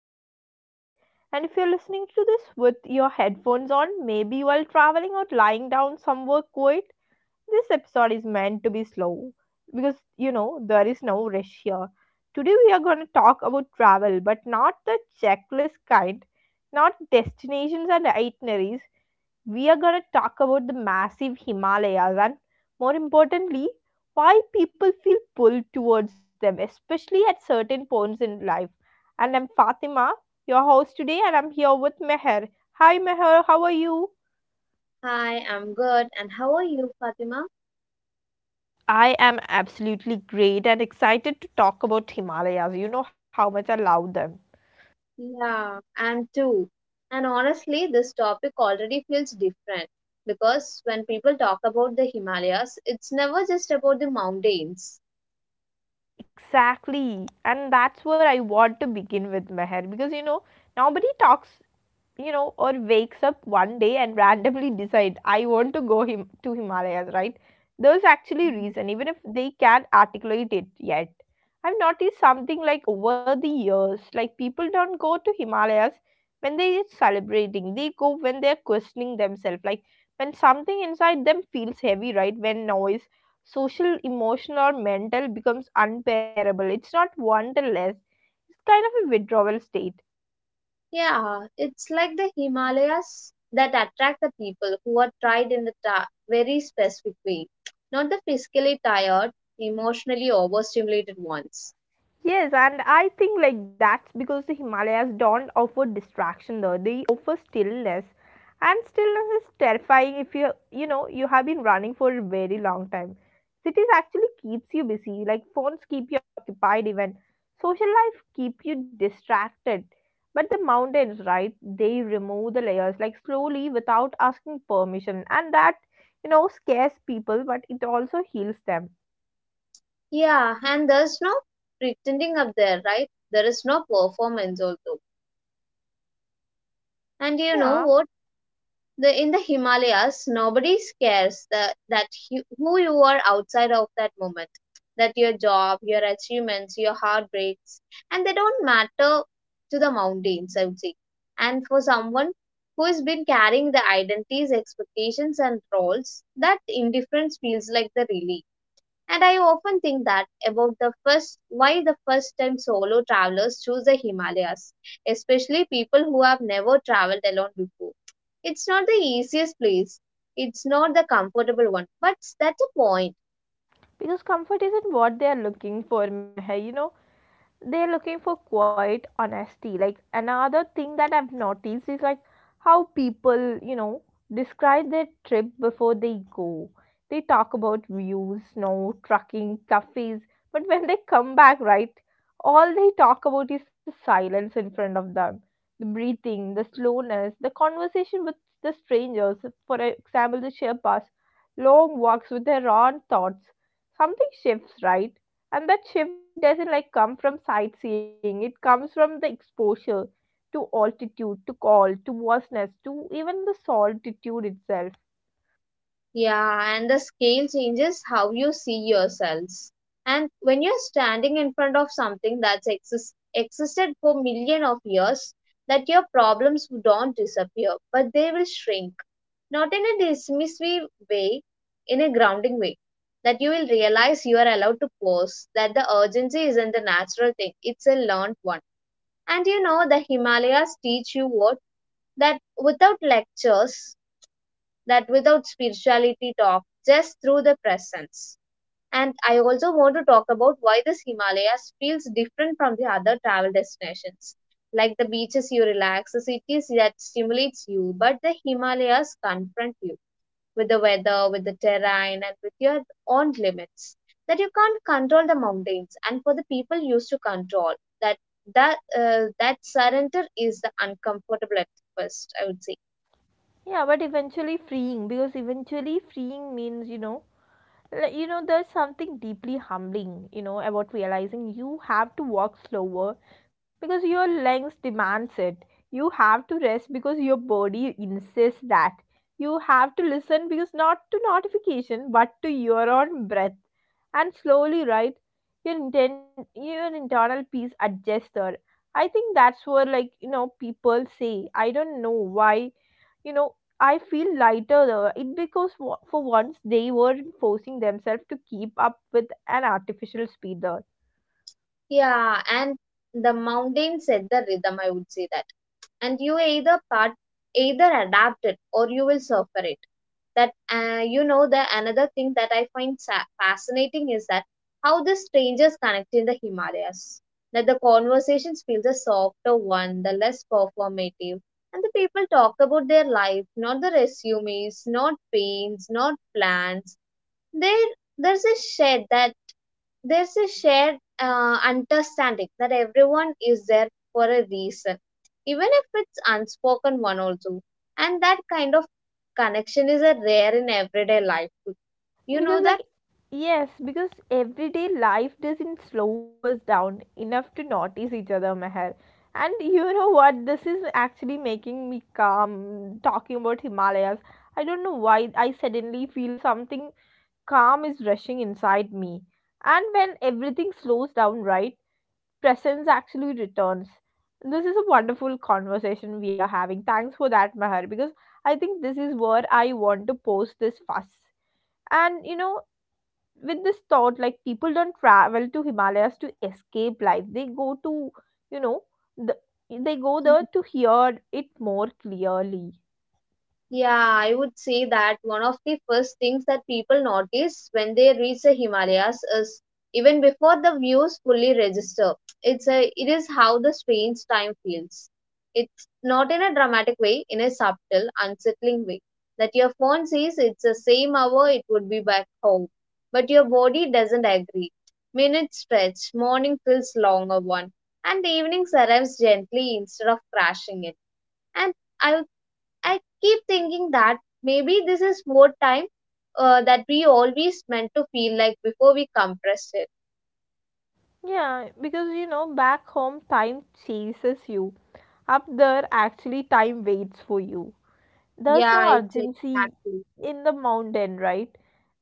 our podcast. And if you're listening to this with your headphones on, maybe while traveling or lying down somewhere quiet, this episode is meant to be slow because there is no rush here. Today we are going to talk about travel, but not the checklist kind, not destinations and itineraries. We are going to talk about the massive Himalayas and more importantly, why people feel pulled towards them, especially at certain points in life. And I'm Fatima, your host today, and I'm here with Meher. Hi Meher, how are you? Hi, I'm good. And how are you, Fatima? I am absolutely great and excited to talk about Himalayas. You know how much I love them. Yeah, I'm too. And honestly, this topic already feels different because when people talk about the Himalayas, it's never just about the mountains. Exactly. And that's where I want to begin with Meher because nobody talks, or wakes up one day and randomly decide, I want to go to Himalayas, right? There's actually reason, even if they can't articulate it yet. I've noticed something like over the years, like people don't go to Himalayas when they're celebrating. They go when they're questioning themselves, like when something inside them feels heavy, right? When noise, social, emotional, or mental becomes unbearable. It's not wanderlust. It's kind of a withdrawal state. Yeah, it's like the Himalayas that attract the people who are tried in the very specific way, not the physically tired, emotionally overstimulated ones. Yes, and I think like that's because the Himalayas don't offer distraction though. They offer stillness. And stillness is terrifying if you have been running for a very long time. Cities actually keeps you busy, like phones keep you occupied even. Social life keep you distracted. But the mountains, right? They remove the layers like slowly without asking permission. And that, scares people, but it also heals them. Yeah, and there's no pretending up there, right? There is no performance also. And you Yeah. know what? The in the Himalayas, nobody cares who you are outside of that moment. That your job, your achievements, your heartbreaks, and they don't matter to the mountains, I would say. And for someone who has been carrying the identities, expectations, and roles, that indifference feels like the relief. And I often think that about the first time solo travelers choose the Himalayas, especially people who have never traveled alone before. It's not the easiest place. It's not the comfortable one, but that's the point. Because comfort isn't what they are looking for, Meher. They're looking for quiet honesty. Like another thing that I've noticed is like how people, describe their trip before they go. They talk about views, snow, trucking, cafes, but when they come back, right, all they talk about is the silence in front of them, the breathing, the slowness, the conversation with the strangers. For example, the Sherpas, long walks with their own thoughts. Something shifts, right? And that shift doesn't like come from sightseeing. It comes from the exposure to altitude, to call, to vastness, to even the solitude itself. Yeah, and the scale changes how you see yourselves. And when you're standing in front of something that's existed for million of years, that your problems don't disappear, but they will shrink. Not in a dismissive way, in a grounding way. That you will realize you are allowed to pause, that the urgency isn't a natural thing, it's a learned one. And you know, the Himalayas teach you what? That without lectures, that without spirituality talk, just through the presence. And I also want to talk about why this Himalayas feels different from the other travel destinations. Like the beaches you relax, the cities that stimulates you, but the Himalayas confront you with the weather, with the terrain, and with your own limits. That you can't control the mountains, and for the people used to control, that that surrender is the uncomfortable at first, I would say. Yeah, but eventually freeing because eventually freeing means like there's something deeply humbling, about realizing you have to walk slower because your lungs demands it. You have to rest because your body insists that. You have to listen because not to notification but to your own breath. And slowly, right? Your intent, your internal peace adjuster. I think that's where like people say, I don't know why, you know I feel lighter though. It because for once they weren't forcing themselves to keep up with an artificial speed there. Yeah, and the mountain set the rhythm, I would say that. And you either adapt it or you will suffer it. That you know the another thing that I find fascinating is that how the strangers connect in the Himalayas. That the conversations feel the softer one, the less performative, and the people talk about their life, not the resumes, not pains, not plans. There, there's a shed that there's a shared understanding that everyone is there for a reason, even if it's unspoken one also. And that kind of connection is a rare in everyday life. You know Because that? like yes, because everyday life doesn't slow us down enough to notice each other, Meher. And you know what? This is actually making me calm talking about Himalayas. I don't know why I suddenly feel something calm is rushing inside me. And when everything slows down, right? Presence actually returns. This is a wonderful conversation we are having. Thanks for that, Mahar, because I think this is where I want to post this fuss. And with this thought, like people don't travel to Himalayas to escape life, they go to, you know, the, they go there to hear it more clearly. Yeah, I would say that one of the first things that people notice when they reach the Himalayas is even before the views fully register. It is how the strange time feels. It's not in a dramatic way, in a subtle, unsettling way. That your phone says it's the same hour it would be back home. But your body doesn't agree. Minutes stretch, morning feels longer one, and the evening arrives gently instead of crashing it. And I I keep thinking that maybe this is more time that we always meant to feel like before we compress it. Yeah, because back home, time chases you. Up there, actually, time waits for you. There's no Yeah, it's urgency exactly. in the mountain, right?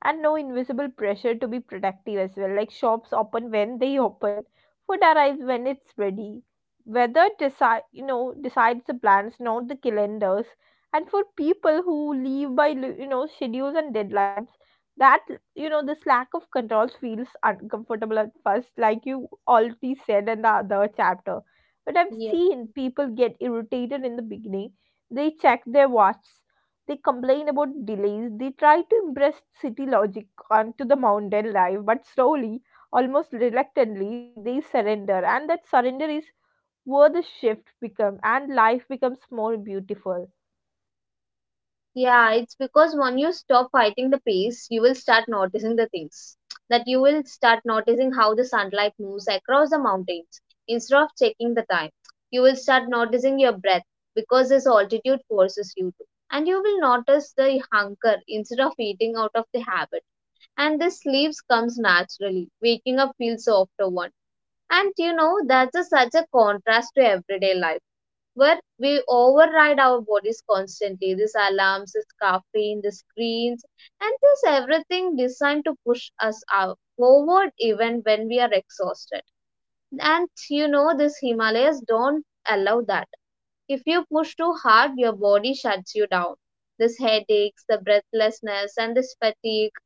And no invisible pressure to be productive as well. Like shops open when they open, food arrives when it's ready. Weather decide, decides the plans, not the calendars. And for people who live by, schedules and deadlines, that, this lack of controls feels uncomfortable at first, like you already said in the other chapter. But I've Yeah. seen people get irritated in the beginning. They check their watches. They complain about delays. They try to impress city logic onto the mountain life, but slowly, almost reluctantly, they surrender. And that surrender is where the shift becomes and life becomes more beautiful. Yeah, it's because when you stop fighting the pace, you will start noticing the things. That you will start noticing how the sunlight moves across the mountains instead of checking the time. You will start noticing your breath because this altitude forces you to. And you will notice the hunger instead of eating out of the habit. And the sleeps comes naturally. Waking up feels after one. And you know, that's such a contrast to everyday life where we override our bodies constantly. These alarms, this caffeine, the screens, and this everything designed to push us out forward even when we are exhausted. And you know, these Himalayas don't allow that. If you push too hard, your body shuts you down. This headaches, the breathlessness, and this fatigue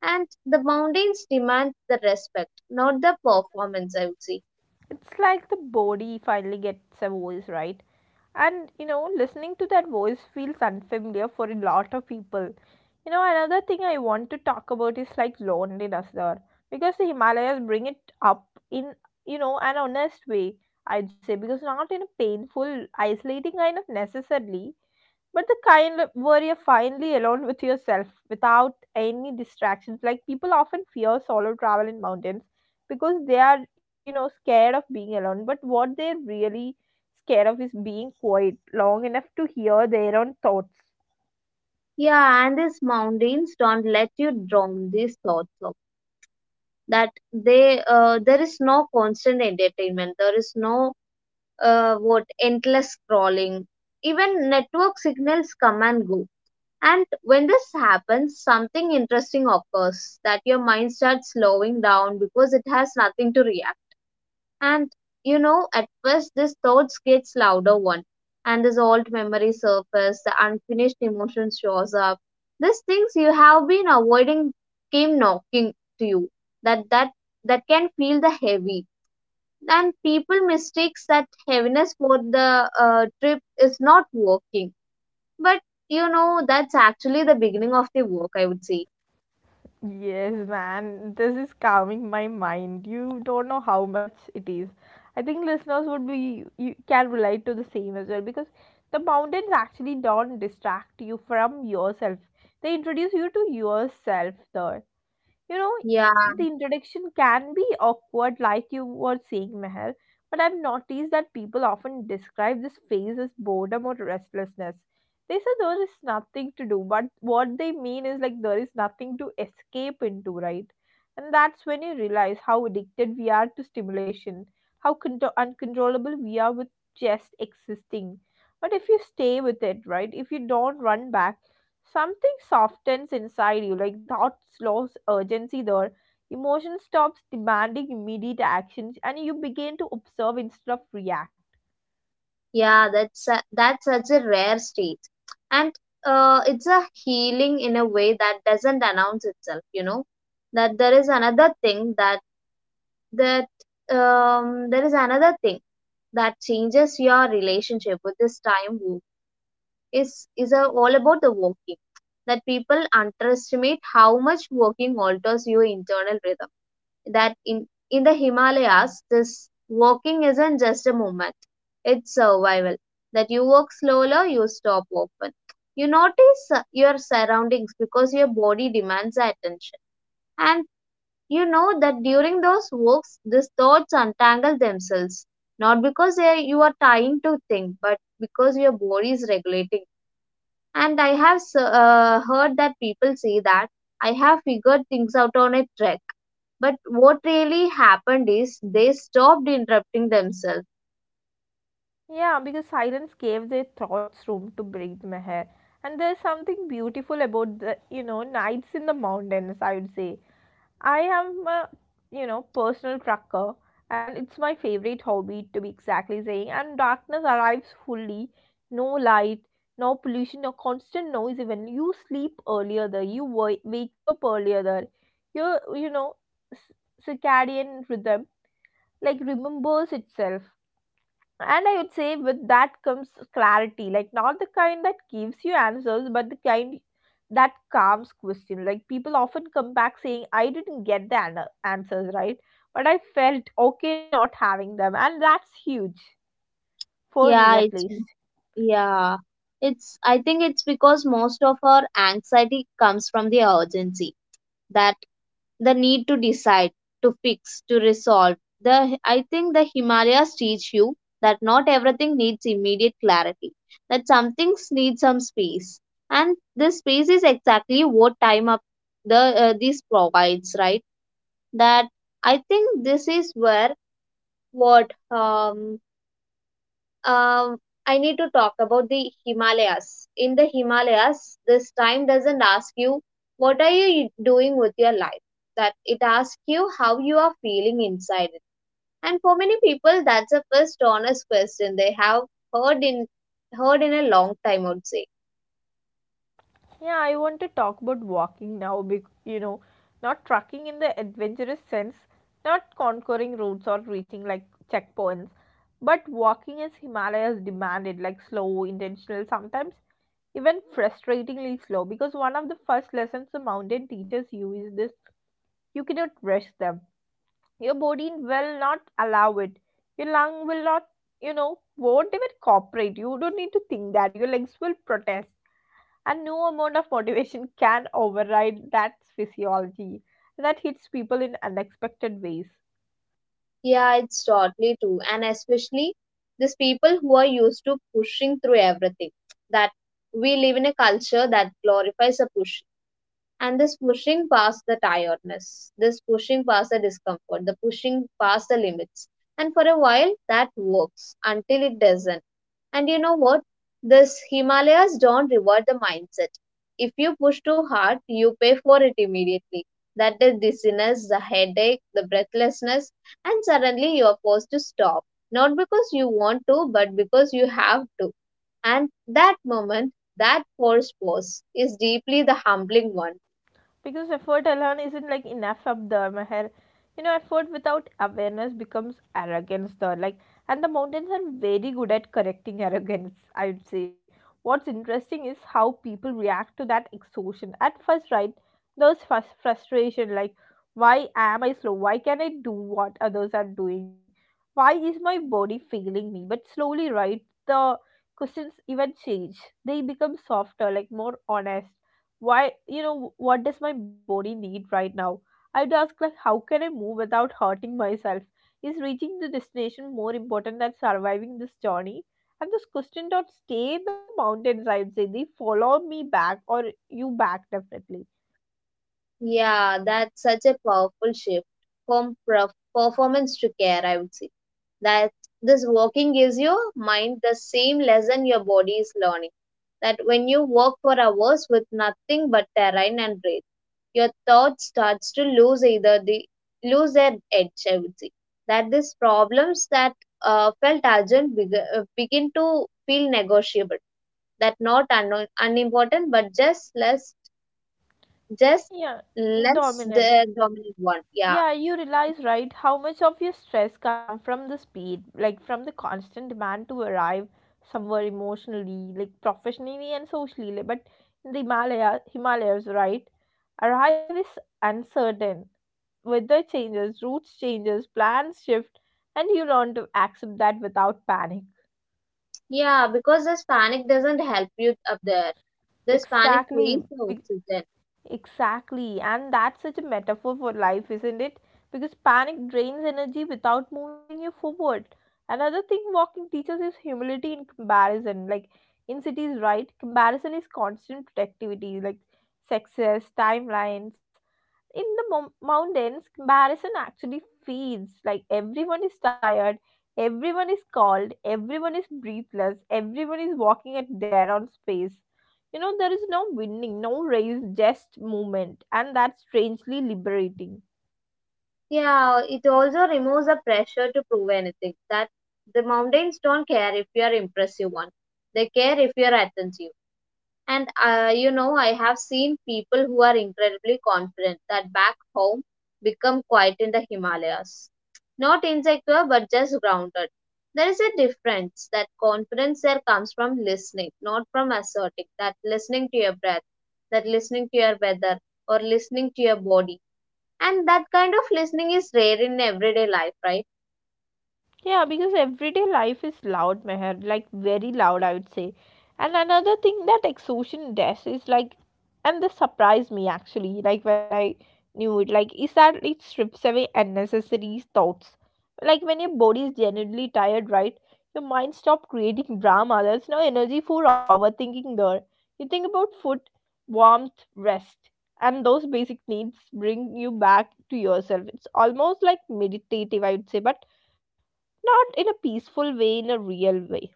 and the mountains demand the respect, not the performance, I would say. It's like the body finally gets a voice, right? And listening to that voice feels unfamiliar for a lot of people. Another thing I want to talk about is like loneliness there, because the Himalayas bring it up in, an honest way, I'd say, because not in a painful, isolating kind of necessarily, but the kind of where you're finally alone with yourself without any distractions. Like people often fear solo travel in mountains because they are, scared of being alone, but what they're really scared of is being quiet long enough to hear their own thoughts. Yeah, and these mountains don't let you drown these thoughts. Of that they There is no constant entertainment. There is no what endless scrolling. Even network signals come and go. And when this happens, something interesting occurs that your mind starts slowing down because it has nothing to react. And you know, at first this thoughts gets louder one, and this old memory surface, the unfinished emotion shows up. These things you have been avoiding came knocking to you. That that that can feel the heavy. And people mistakes that heaviness for the trip is not working. But you know, that's actually the beginning of the work. I would say. Yes, man, this is calming my mind. You don't know how much it is. I think listeners would be you can relate to the same as well because the mountains actually don't distract you from yourself. They introduce you to yourself there. You know, Yeah. the introduction can be awkward, like you were saying, Meher, but I've noticed that people often describe this phase as boredom or restlessness. They say there is nothing to do, but what they mean is like there is nothing to escape into, right? And that's when you realize how addicted we are to stimulation, how uncontrollable we are with just existing. But if you stay with it, right? If you don't run back, something softens inside you like thoughts lose urgency there. Emotion stops demanding immediate actions and you begin to observe instead of react. Yeah, that's such a rare state, and it's a healing in a way that doesn't announce itself. You know that there is another thing that um there is another thing that changes your relationship with this time is all about the walking. That people underestimate how much walking alters your internal rhythm that in the Himalayas, this walking isn't just a movement, it's survival. That you walk slower, you stop often. You notice your surroundings because your body demands attention. And you know that during those walks, these thoughts untangle themselves. Not because you are trying to think, but because your body is regulating. And I have heard that people say that I have figured things out on a trek. But what really happened is they stopped interrupting themselves. Yeah, because silence gave their thoughts room to breathe, Meher. And there's something beautiful about the, nights in the mountains, I would say. I am a, personal trucker, and it's my favorite hobby to be exactly saying. And darkness arrives fully. No light, no pollution, no constant noise. Even you sleep earlier there, you wake up earlier there. Your, c- circadian rhythm like remembers itself. And I would say with that comes clarity, like not the kind that gives you answers, but the kind that calms question. Like people often come back saying, I didn't get the answers, right, but I felt okay not having them. And that's huge for me Yeah, at it's least. yeah. It's I think it's because most of our anxiety comes from the urgency that the need to decide, to fix, to resolve. The I think the Himalayas teach you that not everything needs immediate clarity, that some things need some space, and this space is exactly what time up the this provides, right? That I think this is where what um, I need to talk about the Himalayas. In the Himalayas, this time doesn't ask you what are you doing with your life. That it asks you how you are feeling inside it. And for many people, that's the first honest question they have heard in heard in a long time. I would say. Yeah, I want to talk about walking now, not trucking in the adventurous sense, not conquering routes or reaching like checkpoints, but walking as Himalayas demanded, like slow, intentional, sometimes even frustratingly slow, because one of the first lessons the mountain teaches you is this: you cannot rush them. Your body will not allow it. Your lung will not, won't even cooperate. You don't need to think that your legs will protest, and no amount of motivation can override that physiology that hits people in unexpected ways. Yeah, it's totally true. And especially these people who are used to pushing through everything. That we live in a culture that glorifies a pushing and this pushing past the tiredness, this pushing past the discomfort, the pushing past the limits. And for a while, that works until it doesn't. And you know what? This Himalayas don't reward the mindset. If you push too hard, you pay for it immediately. That is dizziness, the headache, the breathlessness, and suddenly you are forced to stop. Not because you want to, but because you have to. And that moment, that forced pause, is deeply the humbling one. Because effort alone isn't like enough of the Meher. Effort without awareness becomes arrogance though, like. And the mountains are very good at correcting arrogance, I would say. What's interesting is how people react to that exhaustion at first, right? There's first frustration like, why am I slow? Why can I do what others are doing? Why is my body failing me? But slowly, right? The questions even change. They become softer, like more honest. Why, what does my body need right now? I'd ask like, how can I move without hurting myself? Is reaching the destination more important than surviving this journey? And this question don't stay in the mountains, I'd say. They follow me back, or you back, definitely. Yeah, that's such a powerful shift from performance to care, I would say. That this walking gives your mind the same lesson your body is learning. That when you walk for hours with nothing but terrain and breath, your thought starts to lose their edge, I would say. That these problems that felt urgent begin to feel negotiable. That not unimportant, but just less just Yeah, let's dominant. the dominant one. Yeah. Yeah, you realize, right, how much of your stress come from the speed, like from the constant demand to arrive somewhere emotionally, like professionally and socially. Like, but in the Himalayas, right, arrive is uncertain. Weather changes, routes changes, plans shift, and you learn to accept that without panic. Yeah, because this panic doesn't help you up there. This panic Exactly, wastes the oxygen. exactly, and that's such a metaphor for life, isn't it? Because panic drains energy without moving you forward. Another thing walking teaches is humility in comparison. Like in cities, right? Comparison is constant productivity, like success, timelines. In the mountains, comparison actually feeds, like everyone is tired, everyone is cold, everyone is breathless, everyone is walking at their own space. There is no winning, no race, just movement. And that's strangely liberating. Yeah, it also removes the pressure to prove anything. That the mountains don't care if you are impressive one. They care if you are attentive. And you know, I have seen people who are incredibly confident that back home become quiet in the Himalayas. Not insecure, but just grounded. There is a difference. That confidence there comes from listening, not from asserting. That listening to your breath, that listening to your weather, or listening to your body. And that kind of listening is rare in everyday life, right? Yeah, because everyday life is loud, Meher, like very loud, I would say. And another thing that exhaustion does is like, and this surprised me actually, like when I knew it, like, is that it strips away unnecessary thoughts. Like when your body is genuinely tired, right? Your mind stops creating drama. There's no energy for overthinking there. You think about food, warmth, rest, and those basic needs bring you back to yourself. It's almost like meditative, I would say, but not in a peaceful way, in a real way.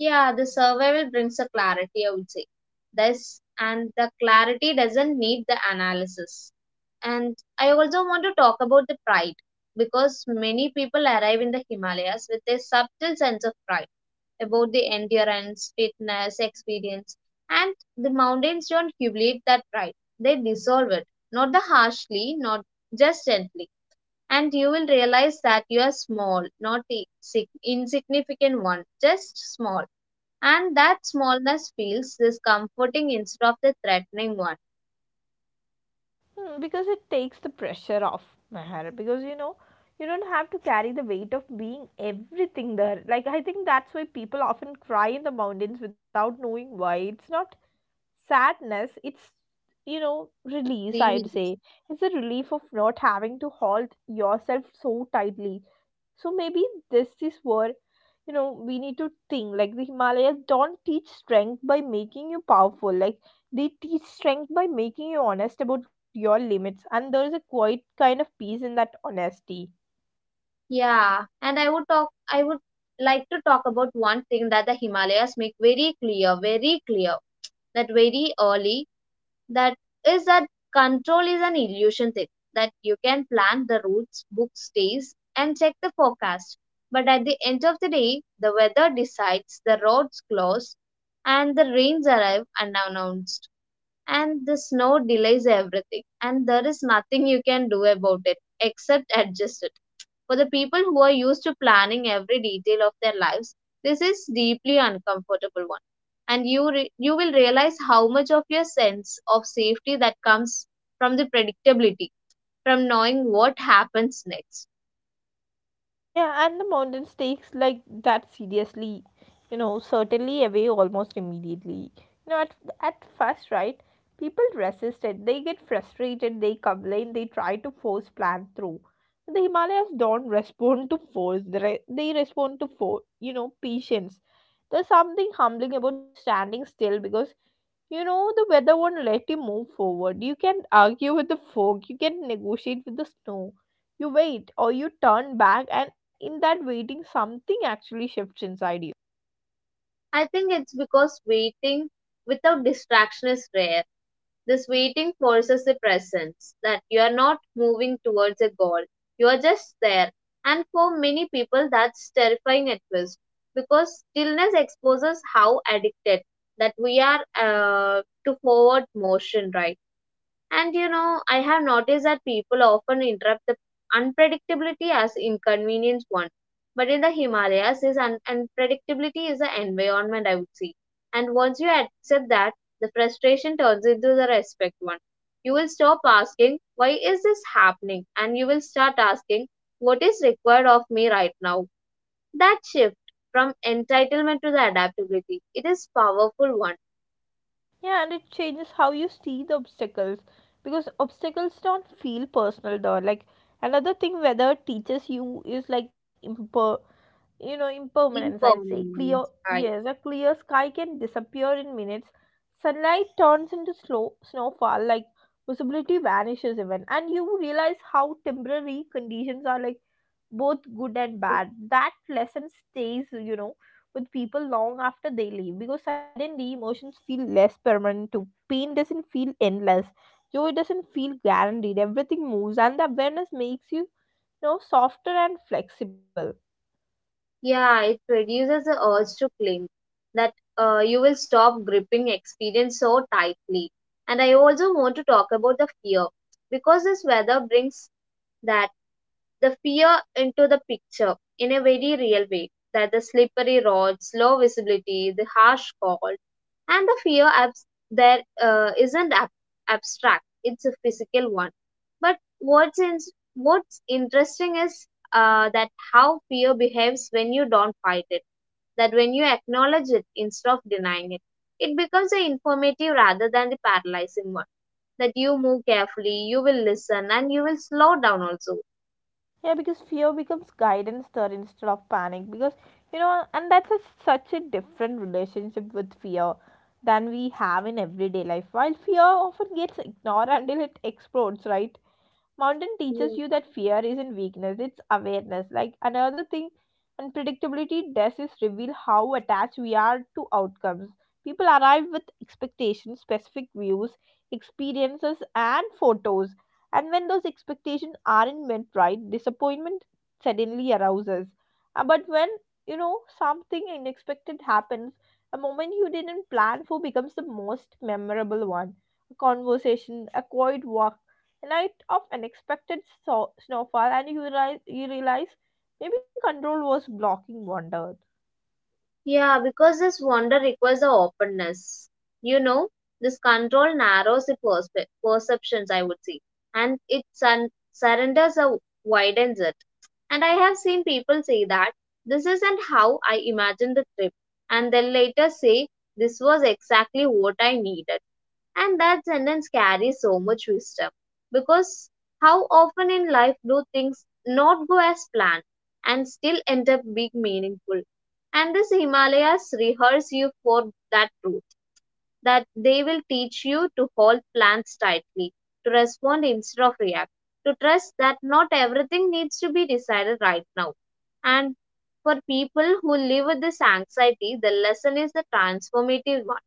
Yeah, the survival brings a clarity, I would say. This and the clarity doesn't need the analysis. And I also want to talk about the pride because many people arrive in the Himalayas with a subtle sense of pride about the endurance, fitness, experience, and the mountains don't humiliate that pride. They dissolve it, not the harshly, not just gently. And you will realize that you are small, not a insignificant one, just small and that smallness feels this comforting instead of the threatening one. Because it takes the pressure off, Meher. Because you don't have to carry the weight of being everything there. I think that's why people often cry in the mountains without knowing why. It's not sadness, it's, release, Really. I'd say. It's a relief of not having to hold yourself so tightly. So maybe this is where, we need to think, like, the Himalayas don't teach strength by making you powerful. They teach strength by making you honest about your limits, and there is a quite kind of peace in that honesty. Yeah, and I would like to talk about one thing that the Himalayas make very clear that very early that is that control is an illusion thing that you can plan the routes, book stays, and check the forecast. But at the end of the day, the weather decides, the roads close, and the rains arrive unannounced. And the snow delays everything, and there is nothing you can do about it except adjust it. For the people who are used to planning every detail of their lives, this is deeply uncomfortable one. And you will realize how much of your sense of safety that comes from the predictability, from knowing what happens next. Yeah, and the mountains takes like that seriously, you know, certainly away almost immediately. You know, at first, right, people resist it. They get frustrated, they complain, they try to force plan through. The Himalayas don't respond to force, they, they respond to, you know, patience. There's something humbling about standing still because, you know, the weather won't let you move forward. You can argue with the fog, you can negotiate with the snow, you wait or you turn back, and in that waiting something actually shifts inside you. I think it's because waiting without distraction is rare. This waiting forces a presence, that you are not moving towards a goal, you are just there. And for many people, that's terrifying at first because stillness exposes how addicted that we are to forward motion, right? And you know, I have noticed that people often interrupt the unpredictability as inconvenience one. But in the Himalayas, this unpredictability is the environment, I would say. And once you accept that, the frustration turns into the respect one. You will stop asking, why is this happening? And you will start asking, what is required of me right now? That shift from entitlement to the adaptability, it is powerful one. Yeah, and it changes how you see the obstacles, because obstacles don't feel personal though. Like another thing weather teaches you is like you know, impermanence, I would say, clear. Impermanence, right? Yes, a clear sky can disappear in minutes. Sunlight turns into slow snowfall, like visibility vanishes even, and you realize how temporary conditions are, like both good and bad. That lesson stays, you know, with people long after they leave, because suddenly emotions feel less permanent too. Pain doesn't feel endless, joy doesn't feel guaranteed. Everything moves, and the awareness makes you know softer and flexible. Yeah, it reduces the urge to cling, that you will stop gripping experience so tightly. And I also want to talk about the fear, because this weather brings that the fear into the picture in a very real way, that the slippery roads, low visibility, the harsh cold, and the fear there isn't abstract, it's a physical one. But what's interesting is that how fear behaves when you don't fight it, that when you acknowledge it instead of denying it, it becomes an informative rather than the paralyzing one. That you move carefully, you will listen, and you will slow down also. Yeah, because fear becomes guidance there instead of panic. Because you know, and that's such a different relationship with fear than we have in everyday life, while fear often gets ignored until it explodes, right? Mountain teaches you that fear isn't weakness, it's awareness. Like another thing, unpredictability does is reveal how attached we are to outcomes. People arrive with expectations, specific views, experiences, and photos. And when those expectations aren't met, right, disappointment suddenly arouses. But when, you know, something unexpected happens, a moment you didn't plan for becomes the most memorable one: a conversation, a quiet walk, a night of unexpected snowfall. And you realize, maybe control was blocking wonder. Yeah, because this wonder requires the openness. You know, this control narrows the perceptions, I would say, and it surrenders or widens it. And I have seen people say that this isn't how I imagined the trip, and then later say this was exactly what I needed. And that sentence carries so much wisdom, because how often in life do things not go as planned and still end up being meaningful? And these Himalayas rehearse you for that truth, that they will teach you to hold plans tightly, to respond instead of react, to trust that not everything needs to be decided right now. And for people who live with this anxiety, the lesson is the transformative one.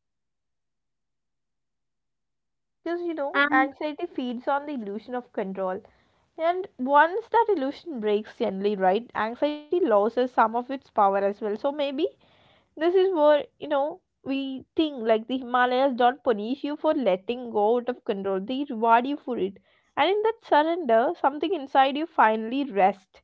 Because, you know, And anxiety feeds on the illusion of control, and once that illusion breaks, generally, right, anxiety loses some of its power as well. So maybe this is where, you know, we think, like, the Himalayas don't punish you for letting go out of control, they reward you for it. And in that surrender, something inside you finally rests.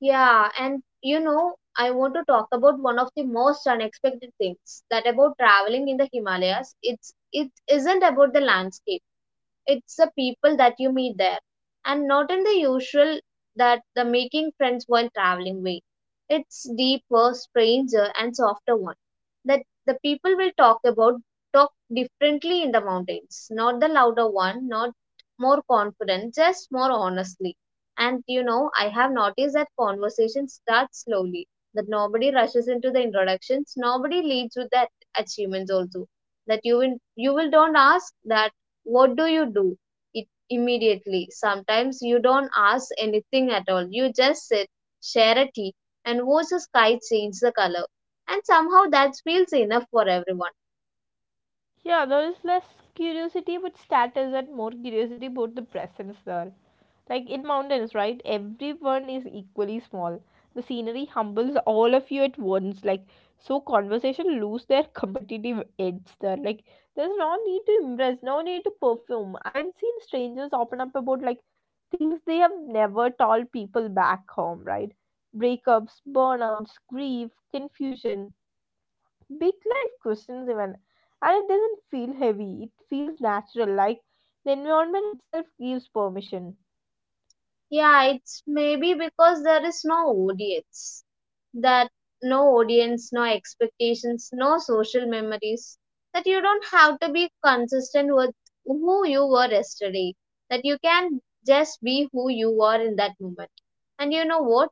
yeah, and you know, I want to talk about one of the most unexpected things that about traveling in the Himalayas. It isn't about the landscape. It's the people that you meet there, and not in the usual, that the making friends while traveling way. It's deeper, stranger, and softer one. That the people will talk differently in the mountains. Not the louder one, not more confident, just more honestly. And you know, I have noticed that conversation starts slowly. That nobody rushes into the introductions, nobody leads with that achievements also, that you will don't ask that what do you do? It immediately. Sometimes you don't ask anything at all. You just sit, share a tea, and watch the sky change the color. And somehow that feels enough for everyone. Yeah, there is less curiosity but status, and more curiosity about the presence there. Like in mountains, right? Everyone is equally small. The scenery humbles all of you at once. Like, so conversation lose their competitive edge there. Like, there's no need to impress, no need to perfume. I have seen strangers open up about, like, things they have never told people back home, right? Breakups, burnouts, grief, confusion, big life questions even. And it doesn't feel heavy, it feels natural. Like, the environment itself gives permission. Yeah, it's maybe because there is no audience. That no audience, no expectations, no social memories. That you don't have to be consistent with who you were yesterday. That you can just be who you are in that moment. And you know what?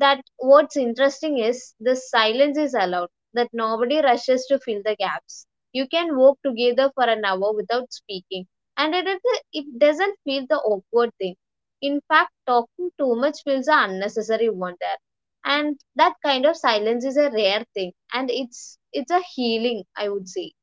That what's interesting is this silence is allowed, that nobody rushes to fill the gaps. You can walk together for an hour without speaking, and it doesn't feel the awkward thing. In fact, talking too much feels an unnecessary one there. And that kind of silence is a rare thing, and it's a healing, I would say.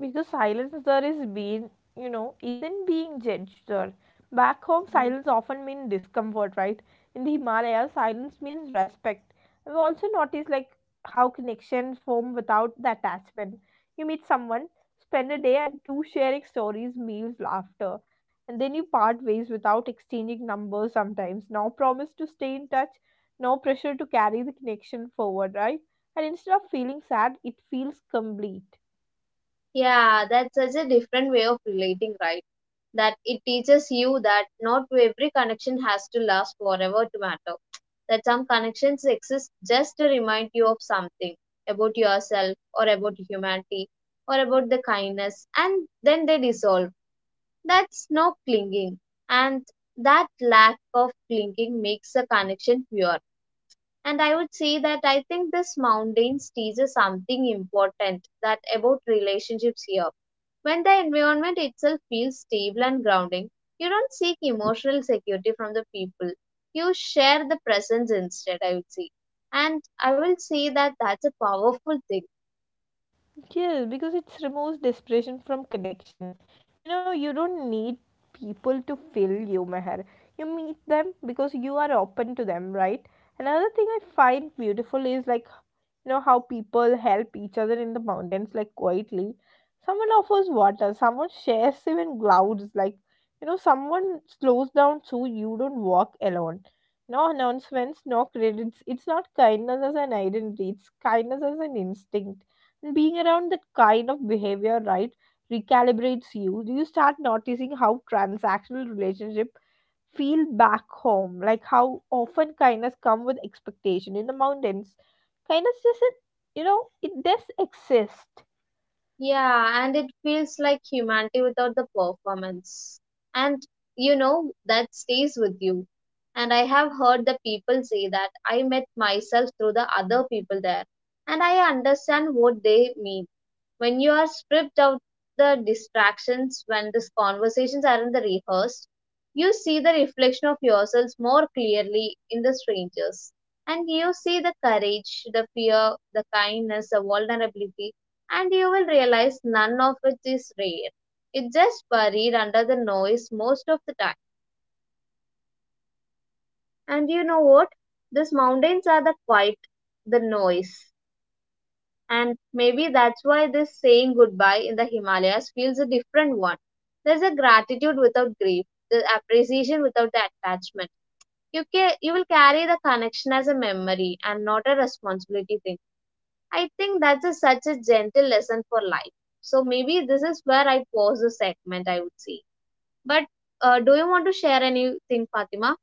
Because silence there is being, isn't being judged there. Back home silence often means discomfort, right? In the Himalayas silence means respect. I've also noticed, like, how connections form without the attachment. You meet someone, spend a day and two sharing stories, meals, laughter, and then you part ways without exchanging numbers, sometimes no promise to stay in touch, no pressure to carry the connection forward, right? And instead of feeling sad, it feels complete. Yeah, that's such a different way of relating, right? That it teaches you that not every connection has to last forever to matter. That some connections exist just to remind you of something about yourself, or about humanity, or about the kindness, and then they dissolve. That's no clinging. And that lack of clinging makes a connection pure. And I would say that I think this mountains teaches something important that about relationships here. When the environment itself feels stable and grounding, you don't seek emotional security from the people. You share the presence instead, I would say. And I will say that that's a powerful thing. Yes, because it removes desperation from connection. You know, you don't need people to fill you, Meher. You meet them because you are open to them, right? Another thing I find beautiful is, like, you know, how people help each other in the mountains, like, quietly. Someone offers water, someone shares even clouds, like, you know, someone slows down so you don't walk alone. No announcements, no credits. It's not kindness as an identity, it's kindness as an instinct. And being around that kind of behavior, right, recalibrates you. You start noticing how transactional relationship feel back home, like how often kindness come with expectation. In the mountains kindness doesn't, you know, it does exist. Yeah, and it feels like humanity without the performance. And you know, that stays with you. And I have heard the people say that I met myself through the other people there. And I understand what they mean, when you are stripped out the distractions, when these conversations aren't the rehearsed, you see the reflection of yourselves more clearly in the strangers. And you see the courage, the fear, the kindness, the vulnerability, and you will realize none of it is rare. It's just buried under the noise most of the time. And you know what? These mountains are the quiet, the noise. And maybe that's why this saying goodbye in the Himalayas feels a different one. There's a gratitude without grief, the appreciation without the attachment. You will carry the connection as a memory and not a responsibility thing. I think that's a, such a gentle lesson for life. So maybe this is where I pause the segment, I would say. But do you want to share anything, Fatima?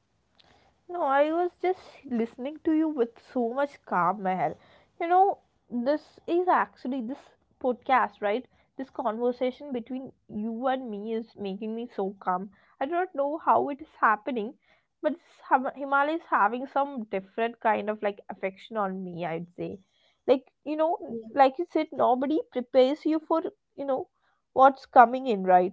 No, I was just listening to you with so much calm, Meher. You know, this is actually, this podcast, right? This conversation between you and me is making me so calm. I do not know how it is happening, but this Himalaya is having some different kind of, like, affection on me, I'd say. Like, you know, Yeah. like you said, nobody prepares you for, you know, what's coming in, right?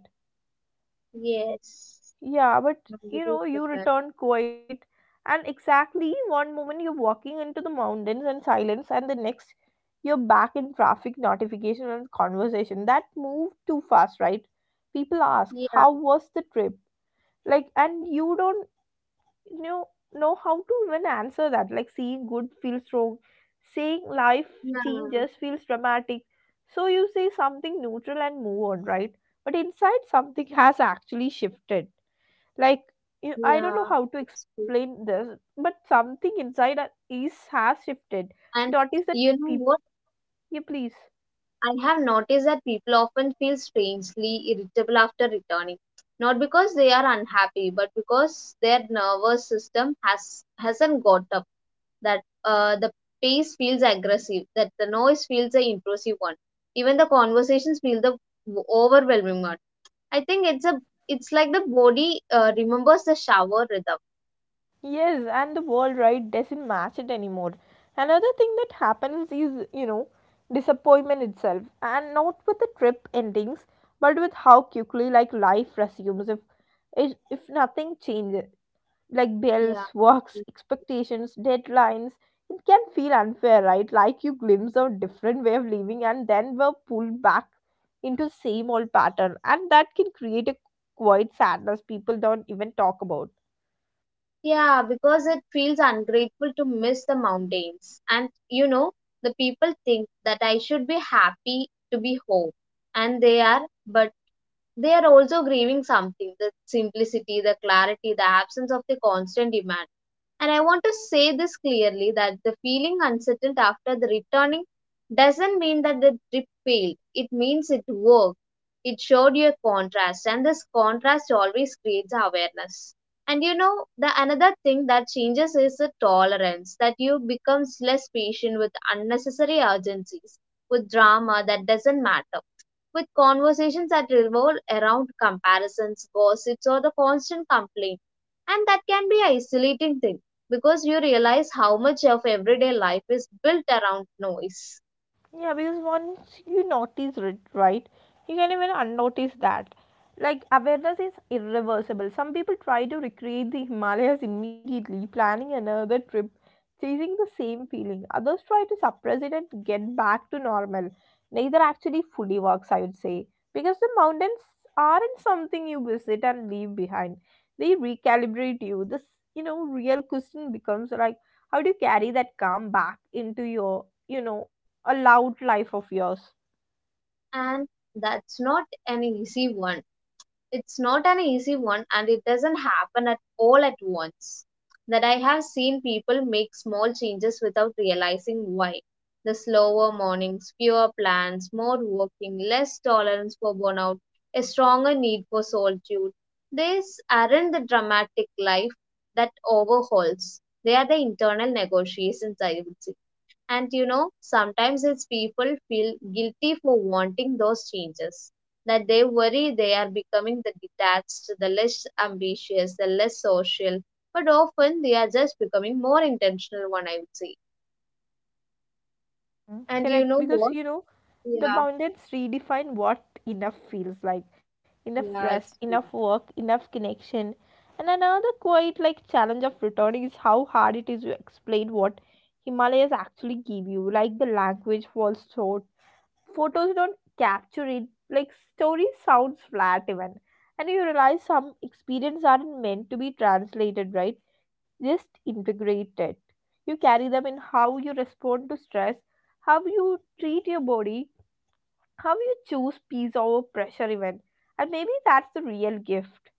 Yes. Yeah, but No, you you do know, you prepare. return quiet, and exactly one moment you're walking into the mountains and silence, and the next you're back in traffic, notification, and conversation. That moved too fast, right? People ask, Yeah. "How was the trip?" Like, and you don't, you know how to even answer that. Like, seeing good feels wrong, saying life Yeah. changes feels dramatic. So you say something neutral and move on, right? But inside, something has actually shifted, like, I don't know Yeah. how to It's explain true. this, but something inside us is has shifted. And Notice you that know what? people, yeah, please. I have noticed that people often feel strangely irritable after returning, not because they are unhappy, but because their nervous system has hasn't got up. That the pace feels aggressive, that the noise feels the intrusive one, even the conversations feel the overwhelming one. I think it's like the body remembers the shower rhythm. Yes, and the world, right, doesn't match it anymore. Another thing that happens is, you know, disappointment itself, and not with the trip endings, but with how quickly, like, life resumes. If nothing changes, like Yeah. bills, works, expectations, deadlines. It can feel unfair, right? Like you glimpse a different way of living and then were pulled back into same old pattern. And that can create a quiet sadness people don't even talk about. Yeah, because it feels ungrateful to miss the mountains. And you know, the people think that I should be happy to be home, and they are, but they are also grieving something, the simplicity, the clarity, the absence of the constant demand. And I want to say this clearly, that the feeling unsettled after the returning doesn't mean that the trip failed, it means it worked. It showed you a contrast, and this contrast always creates awareness. And you know, the another thing that changes is the tolerance, that you becomes less patient with unnecessary urgencies, with drama that doesn't matter, with conversations that revolve around comparisons, gossips, or the constant complaint. And that can be an isolating thing, because you realize how much of everyday life is built around noise. Yeah, because once you notice it, right, you can even unnotice that. Like, awareness is irreversible. Some people try to recreate the Himalayas immediately, planning another trip, chasing the same feeling. Others try to suppress it and get back to normal. Neither actually fully works, I would say, because the mountains aren't something you visit and leave behind. They recalibrate you. This, you know, real question becomes like, how do you carry that calm back into your, you know, a loud life of yours. And that's not an easy one. It's not an easy one, and it doesn't happen at all at once. That I have seen people make small changes without realizing why. The slower mornings, fewer plans, more working, less tolerance for burnout, a stronger need for solitude. These aren't the dramatic life that overhauls. They are the internal negotiations, I would say. And you know, sometimes it's people feel guilty for wanting those changes. That they worry they are becoming the detached, the less ambitious, the less social. But often they are just becoming more intentional one, I would say. Mm. And you Correct, know because, what? you know, the Yeah, boundaries redefine what enough feels like. Enough yeah, rest, it's true. enough work, enough connection. And another quite like challenge of returning is how hard it is to explain what Himalayas actually give you. Like, the language falls short, photos don't capture it, like story sounds flat even. And you realize some experiences aren't meant to be translated, right, just integrated. You carry them in how you respond to stress, how you treat your body, how you choose peace over pressure even. And maybe that's the real gift.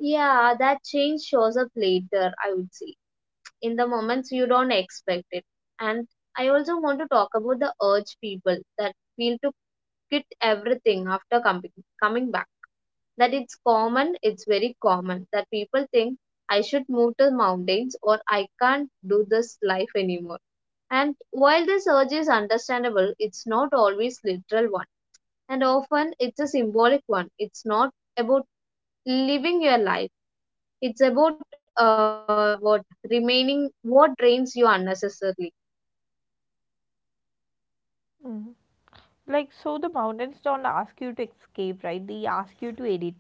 Yeah, that change shows up later, I would say. In the moments you don't expect it. And I also want to talk about the urge people that feel to quit everything after coming back, that it's common, it's very common that people think I should move to mountains or I can't do this life anymore. And while this urge is understandable, it's not always literal one. And often it's a symbolic one. It's not about living your life. It's about what remaining what drains you unnecessarily. Like, so the mountains don't ask you to escape, right? They ask you to edit.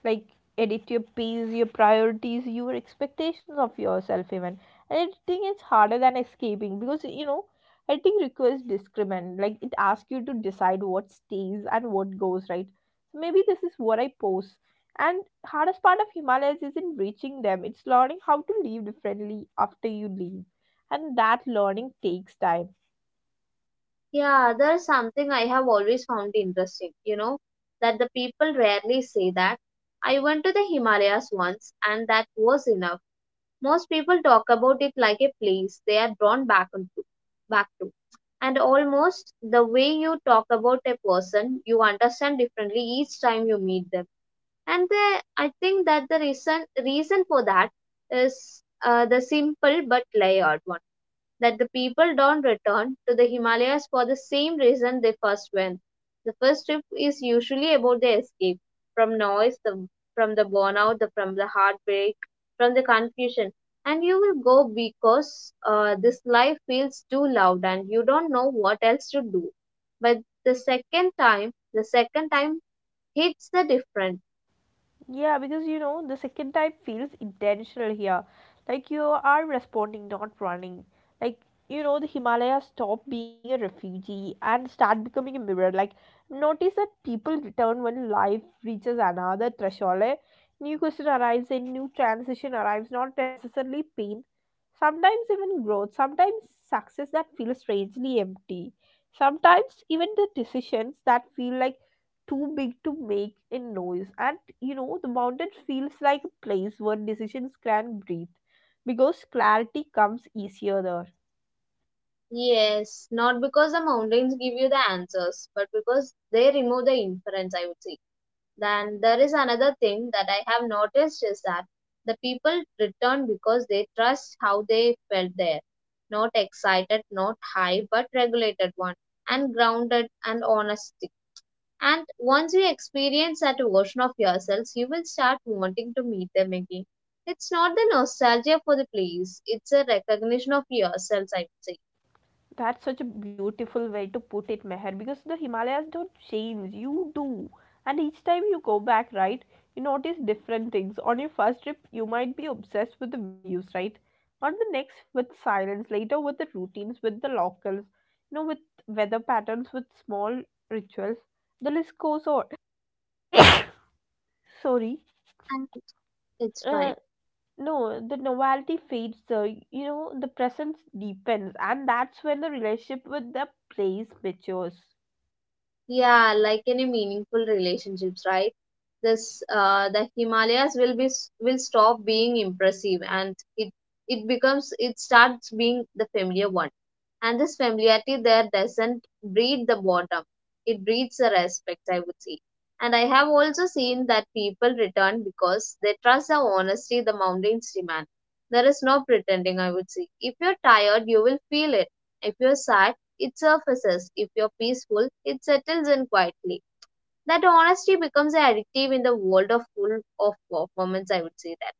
Like, edit your pace, your priorities, your expectations of yourself even. And editing is harder than escaping because, you know, editing requires discrimination. Like, it asks you to decide what stays and what goes, right? So maybe this is what I pose. And hardest part of Himalayas isn't reaching them. It's learning how to live differently after you leave. And that learning takes time. Yeah, there's something I have always found interesting, you know, that the people rarely say that I went to the Himalayas once and that was enough. Most people talk about it like a place they are drawn back into, back to. And almost the way you talk about a person, you understand differently each time you meet them. And the, I think that the reason for that is the simple but layered one, that the people don't return to the Himalayas for the same reason they first went. The first trip is usually about the escape from noise, the, from the burnout, the, from the heartbreak, from the confusion. And you will go because this life feels too loud and you don't know what else to do. But the second time hits the different. Yeah, because you know, the second type feels intentional here. Like you are responding, not running. Like, you know, the Himalayas stop being a refugee and start becoming a mirror. Like, notice that people return when life reaches another threshold. Eh? New question arrives, a new transition arrives, not necessarily pain. Sometimes even growth, sometimes success that feels strangely empty. Sometimes even the decisions that feel like too big to make a noise. And you know, the mountain feels like a place where decisions can breathe because clarity comes easier there. Yes, not because the mountains give you the answers, but because they remove the inference, I would say. Then there is another thing that I have noticed, is that the people return because they trust how they felt there. Not excited, not high, but regulated one, and grounded and honestic. And once you experience that version of yourselves, you will start wanting to meet them again. It's not the nostalgia for the place, it's a recognition of yourselves, I would say. That's such a beautiful way to put it, Meher, because the Himalayas don't change, you do. And each time you go back, right, you notice different things. On your first trip, you might be obsessed with the views, right? On the next, with silence, later, with the routines, with the locals, you know, with weather patterns, with small rituals. The list goes on. Sorry. And it's uh, fine. no, the novelty fades, sir. You know, the presence deepens, and that's when the relationship with the place matures. Yeah, like any meaningful relationships, right? This The Himalayas will stop being impressive, and it starts being the familiar one. And this familiarity there doesn't breed the boredom; it breeds the respect, I would say. And I have also seen that people return because they trust the honesty the mountains demand. There is no pretending, I would say. If you're tired, you will feel it. If you're sad it surfaces. If you're peaceful, it settles in quietly. That honesty becomes addictive in the world of full of performance, I would say that.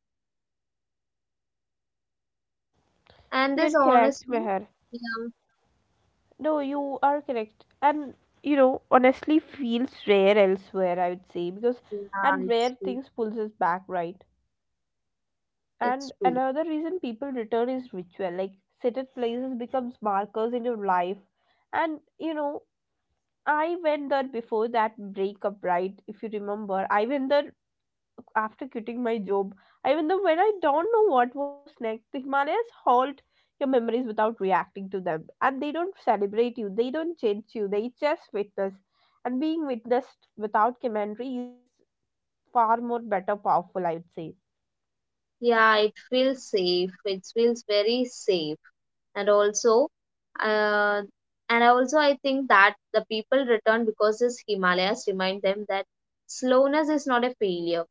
And You're this correct, honesty, Meher. yeah, No, you are correct. And, you know, honestly feels rare elsewhere, I would say, because yeah, and it's rare true. things pulls us back, right? It's And true. another reason people return is ritual, like sacred places becomes markers in your life. And, you know, I went there before that breakup, right? If you remember, I went there after quitting my job, even though when I don't know what was next, the Himalayas halt your memories without reacting to them. And they don't celebrate you, they don't change you, they just witness. And being witnessed without commentary is far more better powerful, I would say. Yeah, it feels safe. It feels very safe. And also, uh, and I also I think that the people return because this Himalayas remind them that slowness is not a failure.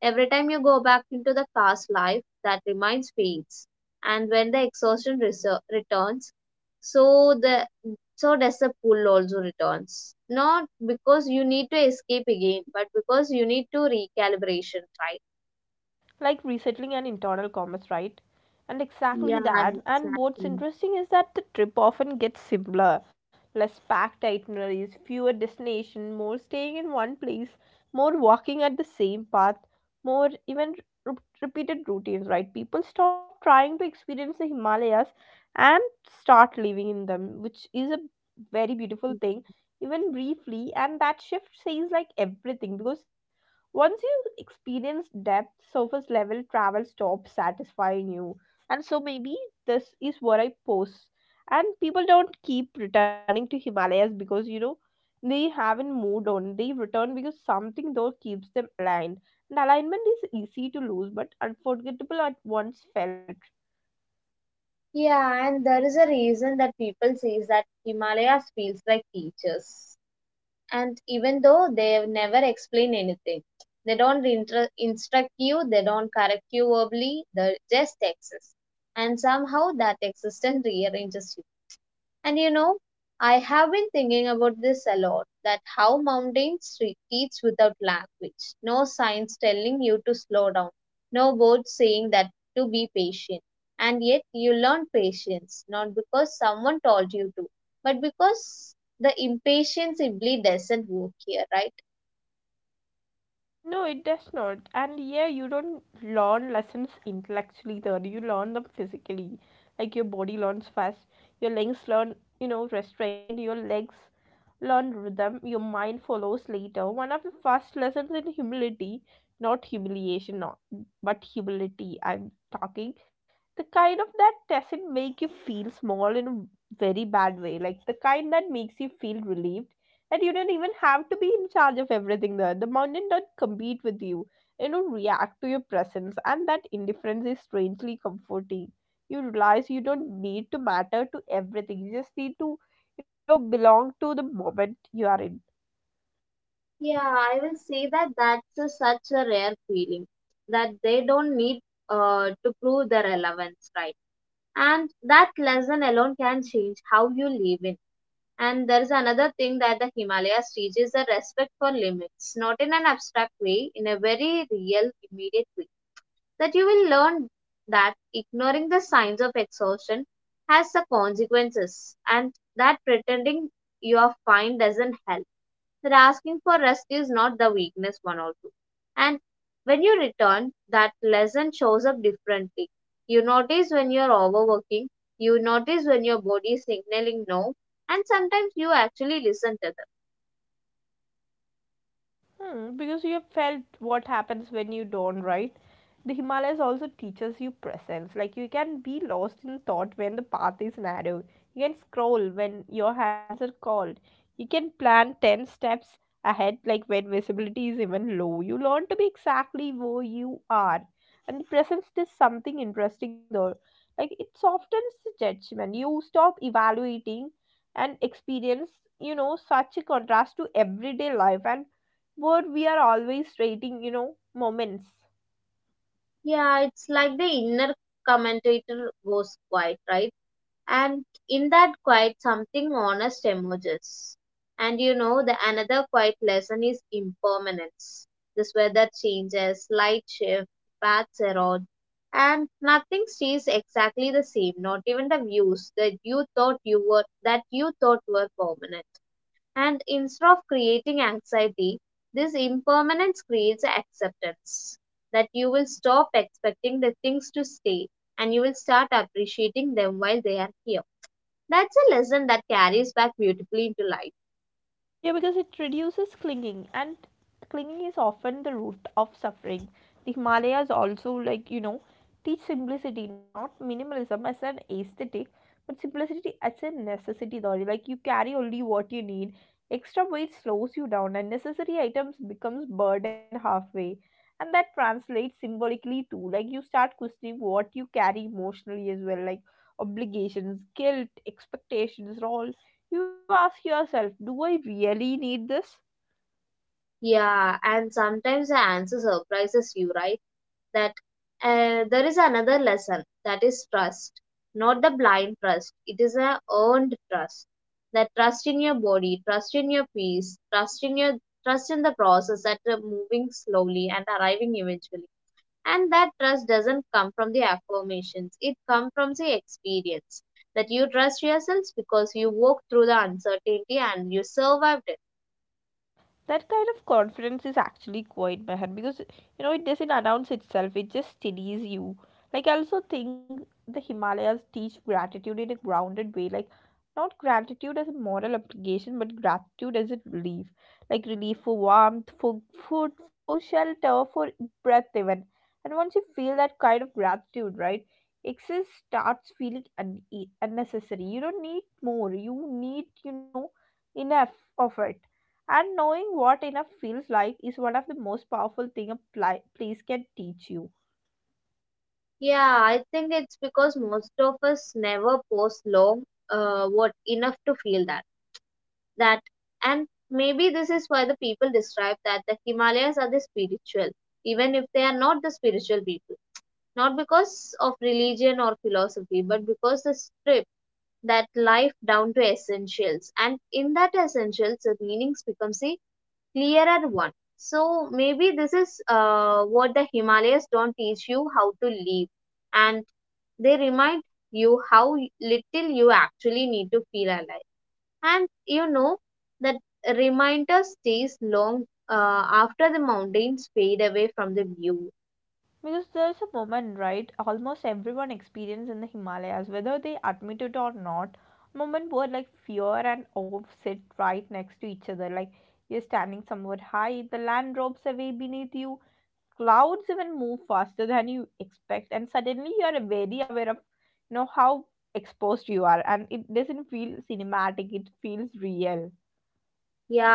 Every time you go back into the past life, that remains fades, and when the exhaustion returns, so the so does the pull also returns. Not because you need to escape again, but because you need to recalibration, right? Like resettling and internal commerce, right? And exactly Yeah, that. And what's exactly. interesting is that the trip often gets simpler, less packed itineraries, fewer destinations, more staying in one place, more walking at the same path, more even r- repeated routines, right? People stop trying to experience the Himalayas and start living in them, which is a very beautiful thing, even briefly. And that shift says like everything, because once you experience depth, surface level travel stops satisfying you. And so maybe this is where I pose. And people don't keep returning to Himalayas because they haven't moved on. They return because something though keeps them aligned. And alignment is easy to lose but unforgettable at once felt. Yeah, and there is a reason that people says that Himalayas feels like teachers. And even though they never explain anything, they don't instruct you, they don't correct you verbally, they just exist, and somehow that existence rearranges. And you know, I have been thinking about this a lot that how mountains teach without language. No signs telling you to slow down, no words saying that to be patient. And yet you learn patience, not because someone told you to, but because the impatience simply doesn't work here, right? No, it does not. And yeah, you don't learn lessons intellectually though. You learn them physically. Like your body learns fast. Your legs learn, you know, restrain your legs learn rhythm, your mind follows later. One of the first lessons in humility, not humiliation, not but humility. I'm talking the kind of that doesn't make you feel small in a very bad way, like the kind that makes you feel relieved and you don't even have to be in charge of everything. There, the mountain don't compete with you. You know, react to your presence, and that indifference is strangely comforting. You realize you don't need to matter to everything. You just need to, you know, belong to the moment you are in. Yeah, I will say that that's a, such a rare feeling that they don't need to prove their relevance, right? And that lesson alone can change how you live in. And there is another thing that the Himalayas teaches the respect for limits, not in an abstract way, in a very real, immediate way, that you will learn that ignoring the signs of exhaustion has the consequences, and that pretending you are fine doesn't help. That asking for rest is not the weakness one also. And when you return, that lesson shows up differently. You notice when you're overworking, you notice when your body is signaling no, and sometimes you actually listen to them. Hmm, because you have felt what happens when you don't, right? The Himalayas also teaches you presence. Like you can be lost in thought when the path is narrow. You can scroll when your hands are cold. You can plan 10 steps ahead, like when visibility is even low. You learn to be exactly where you are. And the presence is something interesting though. Like it softens the judgment. You stop evaluating and experience, you know, such a contrast to everyday life and where we are always trading, you know, moments. Yeah, it's like the inner commentator goes quiet, right? And in that quiet something honest emerges. And you know the another quiet lesson is impermanence. This weather changes, light shift, paths erode, and nothing stays exactly the same, not even the views that you thought were permanent. And instead of creating anxiety, this impermanence creates acceptance, that you will stop expecting the things to stay, and you will start appreciating them while they are here. That's a lesson that carries back beautifully into life. Yeah, because it reduces clinging, and clinging is often the root of suffering. The Himalayas also, like, you know, teach simplicity, not minimalism as an aesthetic, but simplicity as a necessity, though. Like, you carry only what you need. Extra weight slows you down, and necessary items becomes burden halfway. And that translates symbolically too. Like, you start questioning what you carry emotionally as well, like obligations, guilt, expectations, roles. You ask yourself, do I really need this? Yeah, and sometimes the answer surprises you, right? That there is another lesson that is trust, not the blind trust. It is a earned trust. That trust in your body, trust in your peace, trust in your, trust in the process that are moving slowly and arriving eventually. And that trust doesn't come from the affirmations, it comes from the experience, that you trust yourselves because you walked through the uncertainty and you survived it. That kind of confidence is actually quite bad because you know it doesn't announce itself, it just steadies you. Like I also think the Himalayas teach gratitude in a grounded way, like not gratitude as a moral obligation but gratitude as a relief. Like relief for warmth, for food, for shelter, for breath even. And once you feel that kind of gratitude, right, excess starts feeling unnecessary. You don't need more, you need, you know, enough of it. And knowing what enough feels like is one of the most powerful thing a place can teach you. Yeah, I think it's because most of us never pause long what enough to feel that that. And maybe this is why the people describe that the Himalayas are the spiritual, even if they are not the spiritual people, not because of religion or philosophy, but because the strip that life down to essentials, and in that essentials the meanings becomes a clearer one. So maybe this is what the Himalayas don't teach you how to live, and they remind you how little you actually need to feel alive. And you know that reminder stays long after the mountains fade away from the view. Because there's a moment, right? Almost everyone experiences in the Himalayas, whether they admit it or not. A moment where like fear and awe sit right next to each other. Like you're standing somewhere high, the land drops away beneath you, clouds even move faster than you expect, and suddenly you're very aware of, you know, how exposed you are, and it doesn't feel cinematic. It feels real.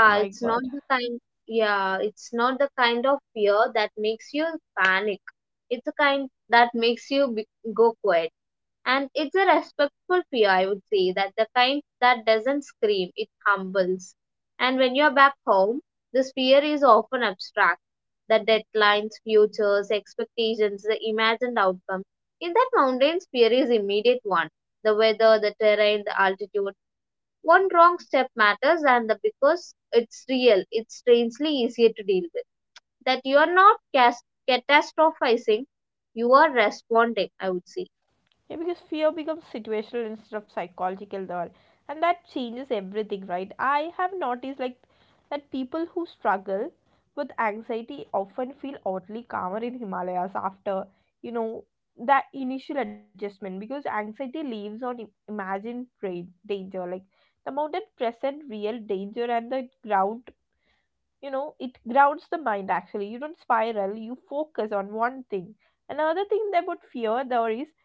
Oh my it's god. not the kind, yeah, it's not the kind of fear that makes you panic. It's a kind that makes you go quiet. And it's a respectful fear, I would say, that the kind that doesn't scream, it humbles. And when you're back home, this fear is often abstract. The deadlines, futures, expectations, the imagined outcome. In that mountains, fear is immediate one. The weather, the terrain, the altitude, one wrong step matters, and the, because it's real, it's strangely easier to deal with. That you are not catastrophizing, you are responding, I would say. Yeah, because fear becomes situational instead of psychological there. And that changes everything, right? I have noticed like that people who struggle with anxiety often feel oddly calmer in Himalayas after, you know, that initial adjustment because anxiety lives on imagined danger. Like the mountain present real danger and the ground, you know, it grounds the mind actually. You don't spiral, you focus on one thing. Another thing about fear there is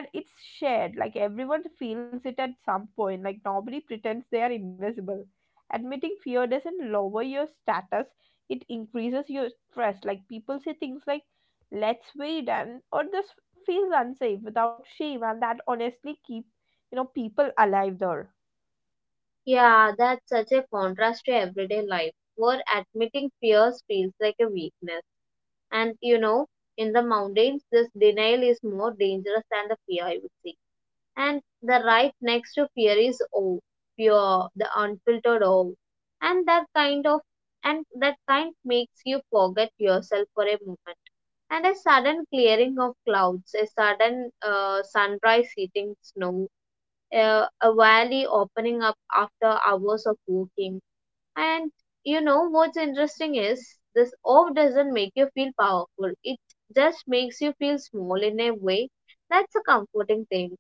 that it's shared, like everyone feels it at some point, like nobody pretends they are invisible. Admitting fear doesn't lower your status, it increases your stress. Like people say things like let's wait and or this feels unsafe without shame, and that honestly keep, you know, people alive there. Yeah, that's such a contrast to everyday life, where admitting fears feels like a weakness. And you know, in the mountains, this denial is more dangerous than the fear, I would say. And the right next to fear is awe, pure, the unfiltered awe. And that kind of and that kind makes you forget yourself for a moment. And a sudden clearing of clouds, a sudden sunrise hitting snow, a valley opening up after hours of walking. And you know what's interesting is this off doesn't make you feel powerful. It just makes you feel small in a way. That's a comforting thing.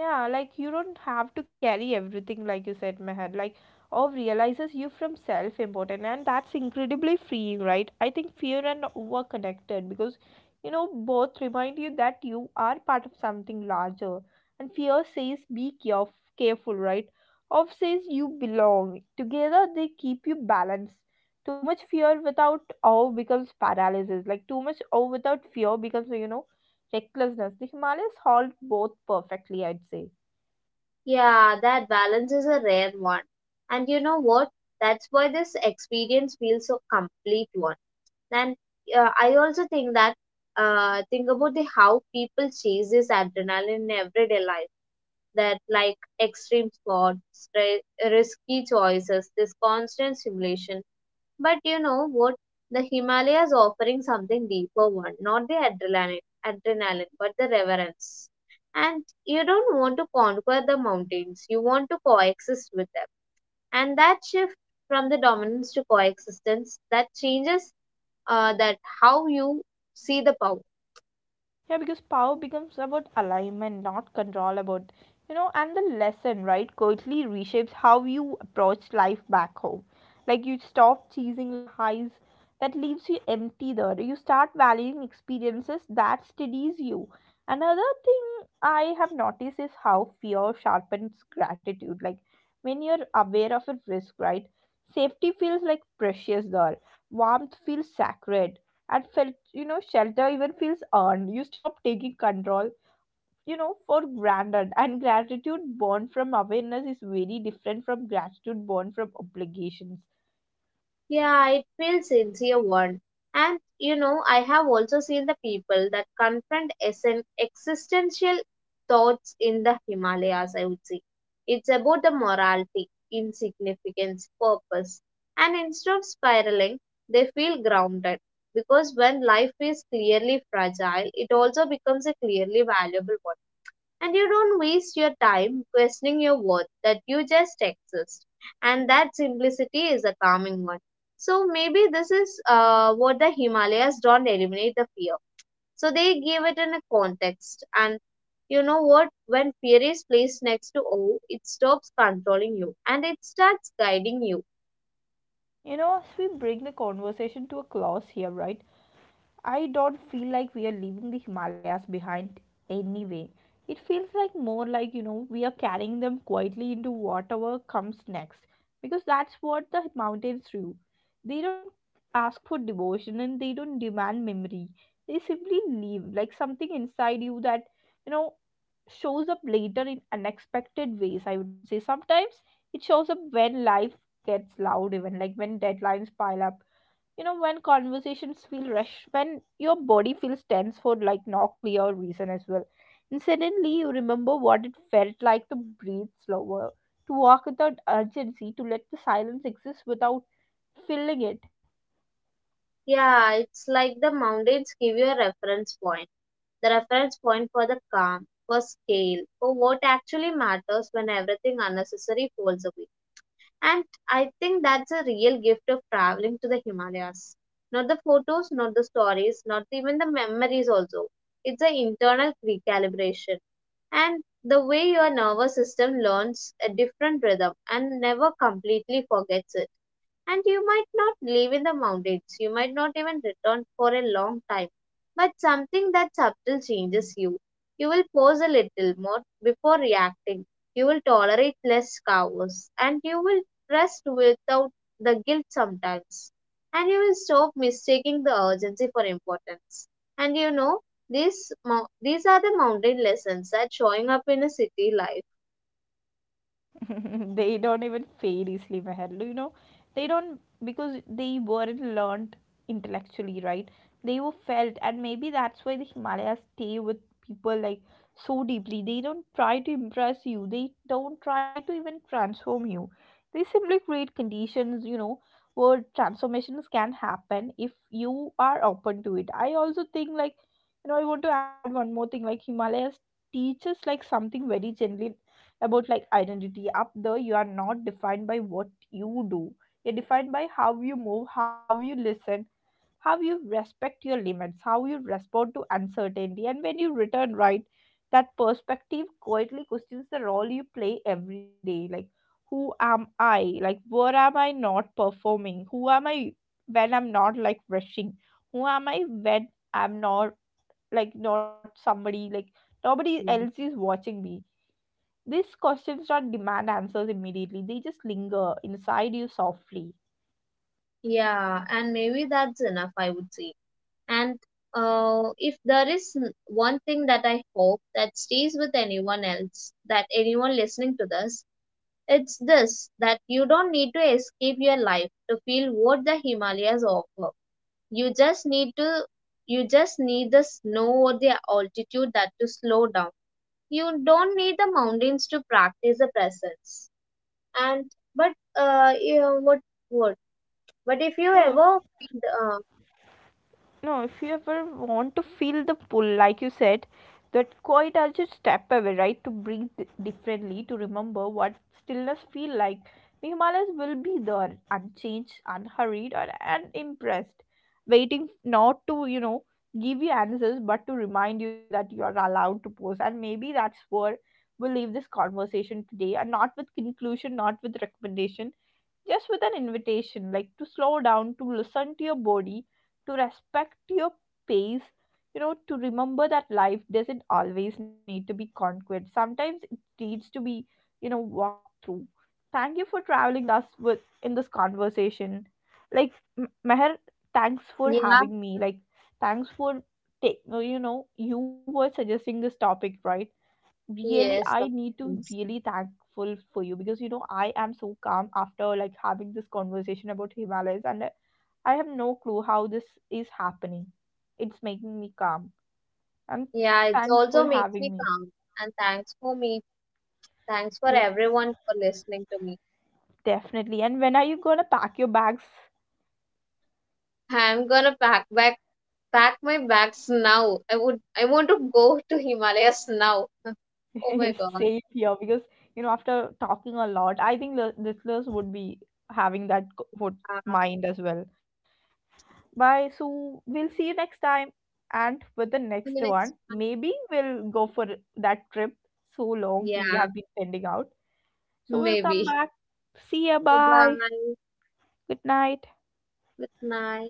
Yeah, like you don't have to carry everything, like you said, Meher. Like, or realizes you from self important, and that's incredibly freeing, right? I think fear and over connected because you know both remind you that you are part of something larger, and fear says be careful, right? Of says you belong. Together they keep you balanced. Too much fear without awe becomes paralysis. Like too much awe without fear becomes, you know, recklessness. The Himalayas hold both perfectly, I'd say. Yeah, that balance is a rare one. And you know what? That's why this experience feels so complete one. And I also think that think about the how people chase this adrenaline in everyday life. That like extreme sports, risky choices, this constant stimulation, but you know what? The Himalayas offering something deeper one, not the adrenaline, but the reverence. And you don't want to conquer the mountains, you want to coexist with them. And that shift from the dominance to coexistence that changes that how you see the power. Yeah, because power becomes about alignment, not control about, you know, and the lesson, right, quietly reshapes how you approach life back home. Like you stop chasing the highs that leaves you empty there. You start valuing experiences that steadies you. Another thing I have noticed is how fear sharpens gratitude. Like when you're aware of a risk, right, safety feels like precious there. Warmth feels sacred. And you know shelter even feels earned. You stop taking control, you know, for granted, and gratitude born from awareness is very different from gratitude born from obligations. Yeah, it feels sincere one. And you know, I have also seen the people that confront existential thoughts in the Himalayas, I would say. It's about the morality, insignificance, purpose. And instead of spiraling, they feel grounded. Because when life is clearly fragile, it also becomes a clearly valuable one, and you don't waste your time questioning your worth, that you just exist. And that simplicity is a calming one. So maybe this is what the Himalayas don't eliminate the fear. So they give it in a context. And you know what? When fear is placed next to awe, it stops controlling you and it starts guiding you. You know, as we bring the conversation to a close here, right, I don't feel like we are leaving the Himalayas behind anyway. It feels like more like, you know, we are carrying them quietly into whatever comes next. Because that's what the mountains do. They don't ask for devotion and they don't demand memory. They simply leave, like something inside you that, you know, shows up later in unexpected ways, I would say. Sometimes it shows up when life gets loud, even like when deadlines pile up, you know, when conversations feel rushed, when your body feels tense for like no clear reason as well, and suddenly you remember what it felt like to breathe slower, to walk without urgency, to let the silence exist without filling it. Yeah, it's like the mountains give you a reference point. The reference point for the calm, for scale, for what actually matters when everything unnecessary falls away. And I think that's a real gift of traveling to the Himalayas. Not the photos, not the stories, not even the memories, also. It's an internal recalibration. And the way your nervous system learns a different rhythm and never completely forgets it. And you might not live in the mountains. You might not even return for a long time. But something that subtle changes you. You will pause a little more before reacting. You will tolerate less chaos, and you will rest without the guilt sometimes. And you will stop mistaking the urgency for importance. And you know, these, these are the mountain lessons that showing up in a city life. They don't even fade easily, Meher. You know, they don't because they weren't learned intellectually, right? They were felt, and maybe that's why the Himalayas stay with people like so deeply. They don't try to impress you. They don't try to even transform you. They simply create conditions, you know, where transformations can happen if you are open to it. I also think like, you know, I want to add one more thing. Like Himalayas teaches like something very gently about like identity. Up there you are not defined by what you do, you're defined by how you move, how you listen, how you respect your limits, how you respond to uncertainty. And when you return, right, that perspective quietly questions the role you play every day. Like who am I, like where am I not performing, who am I when I'm not like rushing, who am I when I'm not like not somebody, like nobody else Mm. is watching me. These questions don't demand answers immediately, they just linger inside you softly. Yeah, and maybe that's enough, I would say. And if there is one thing that I hope that stays with anyone else, that anyone listening to this, it's this that you don't need to escape your life to feel what the Himalayas offer. You just need to, you just need the snow or the altitude that to slow down. You don't need the mountains to practice the presence. And but you know, what what? But if You you know, if ever, uh, no if you ever want to feel the pull like you said, that quiet as you step away, right, to breathe differently, to remember what stillness feel like, the Himalayas will be there, unchanged, unhurried, or unimpressed, waiting not to, you know, give you answers, but to remind you that you are allowed to pose. And maybe that's where we'll leave this conversation today, and not with conclusion, not with recommendation, just with an invitation, like to slow down, to listen to your body, to respect your pace, you know, to remember that life doesn't always need to be conquered, sometimes it needs to be, you know, walked through. Thank you for traveling us with in this conversation, like, Meher, thanks for yeah, having me. Like, thanks for take, you know, you were suggesting this topic, right? Really, I yes, of need to course. really thankful for you because, you know, I am so calm after like having this conversation about Himalayas. And I have no clue how this is happening. It's making me calm. And Yeah, it thanks also for makes having me me. calm. And thanks for me. Thanks for Yes, everyone for listening to me. definitely. And when are you gonna pack your bags? I'm gonna pack back pack my bags now. I would I want to go to Himalayas now. Oh my god. Safe here, because you know after talking a lot, I think the listeners would be having that would Uh, mind as well. Bye. So we'll see you next time. And with the see next you next one, time. maybe we'll go for that trip. So long we Yeah, have been pending out. So we'll come maybe. back. See ya. Bye Bye. bye. Good night. Good night.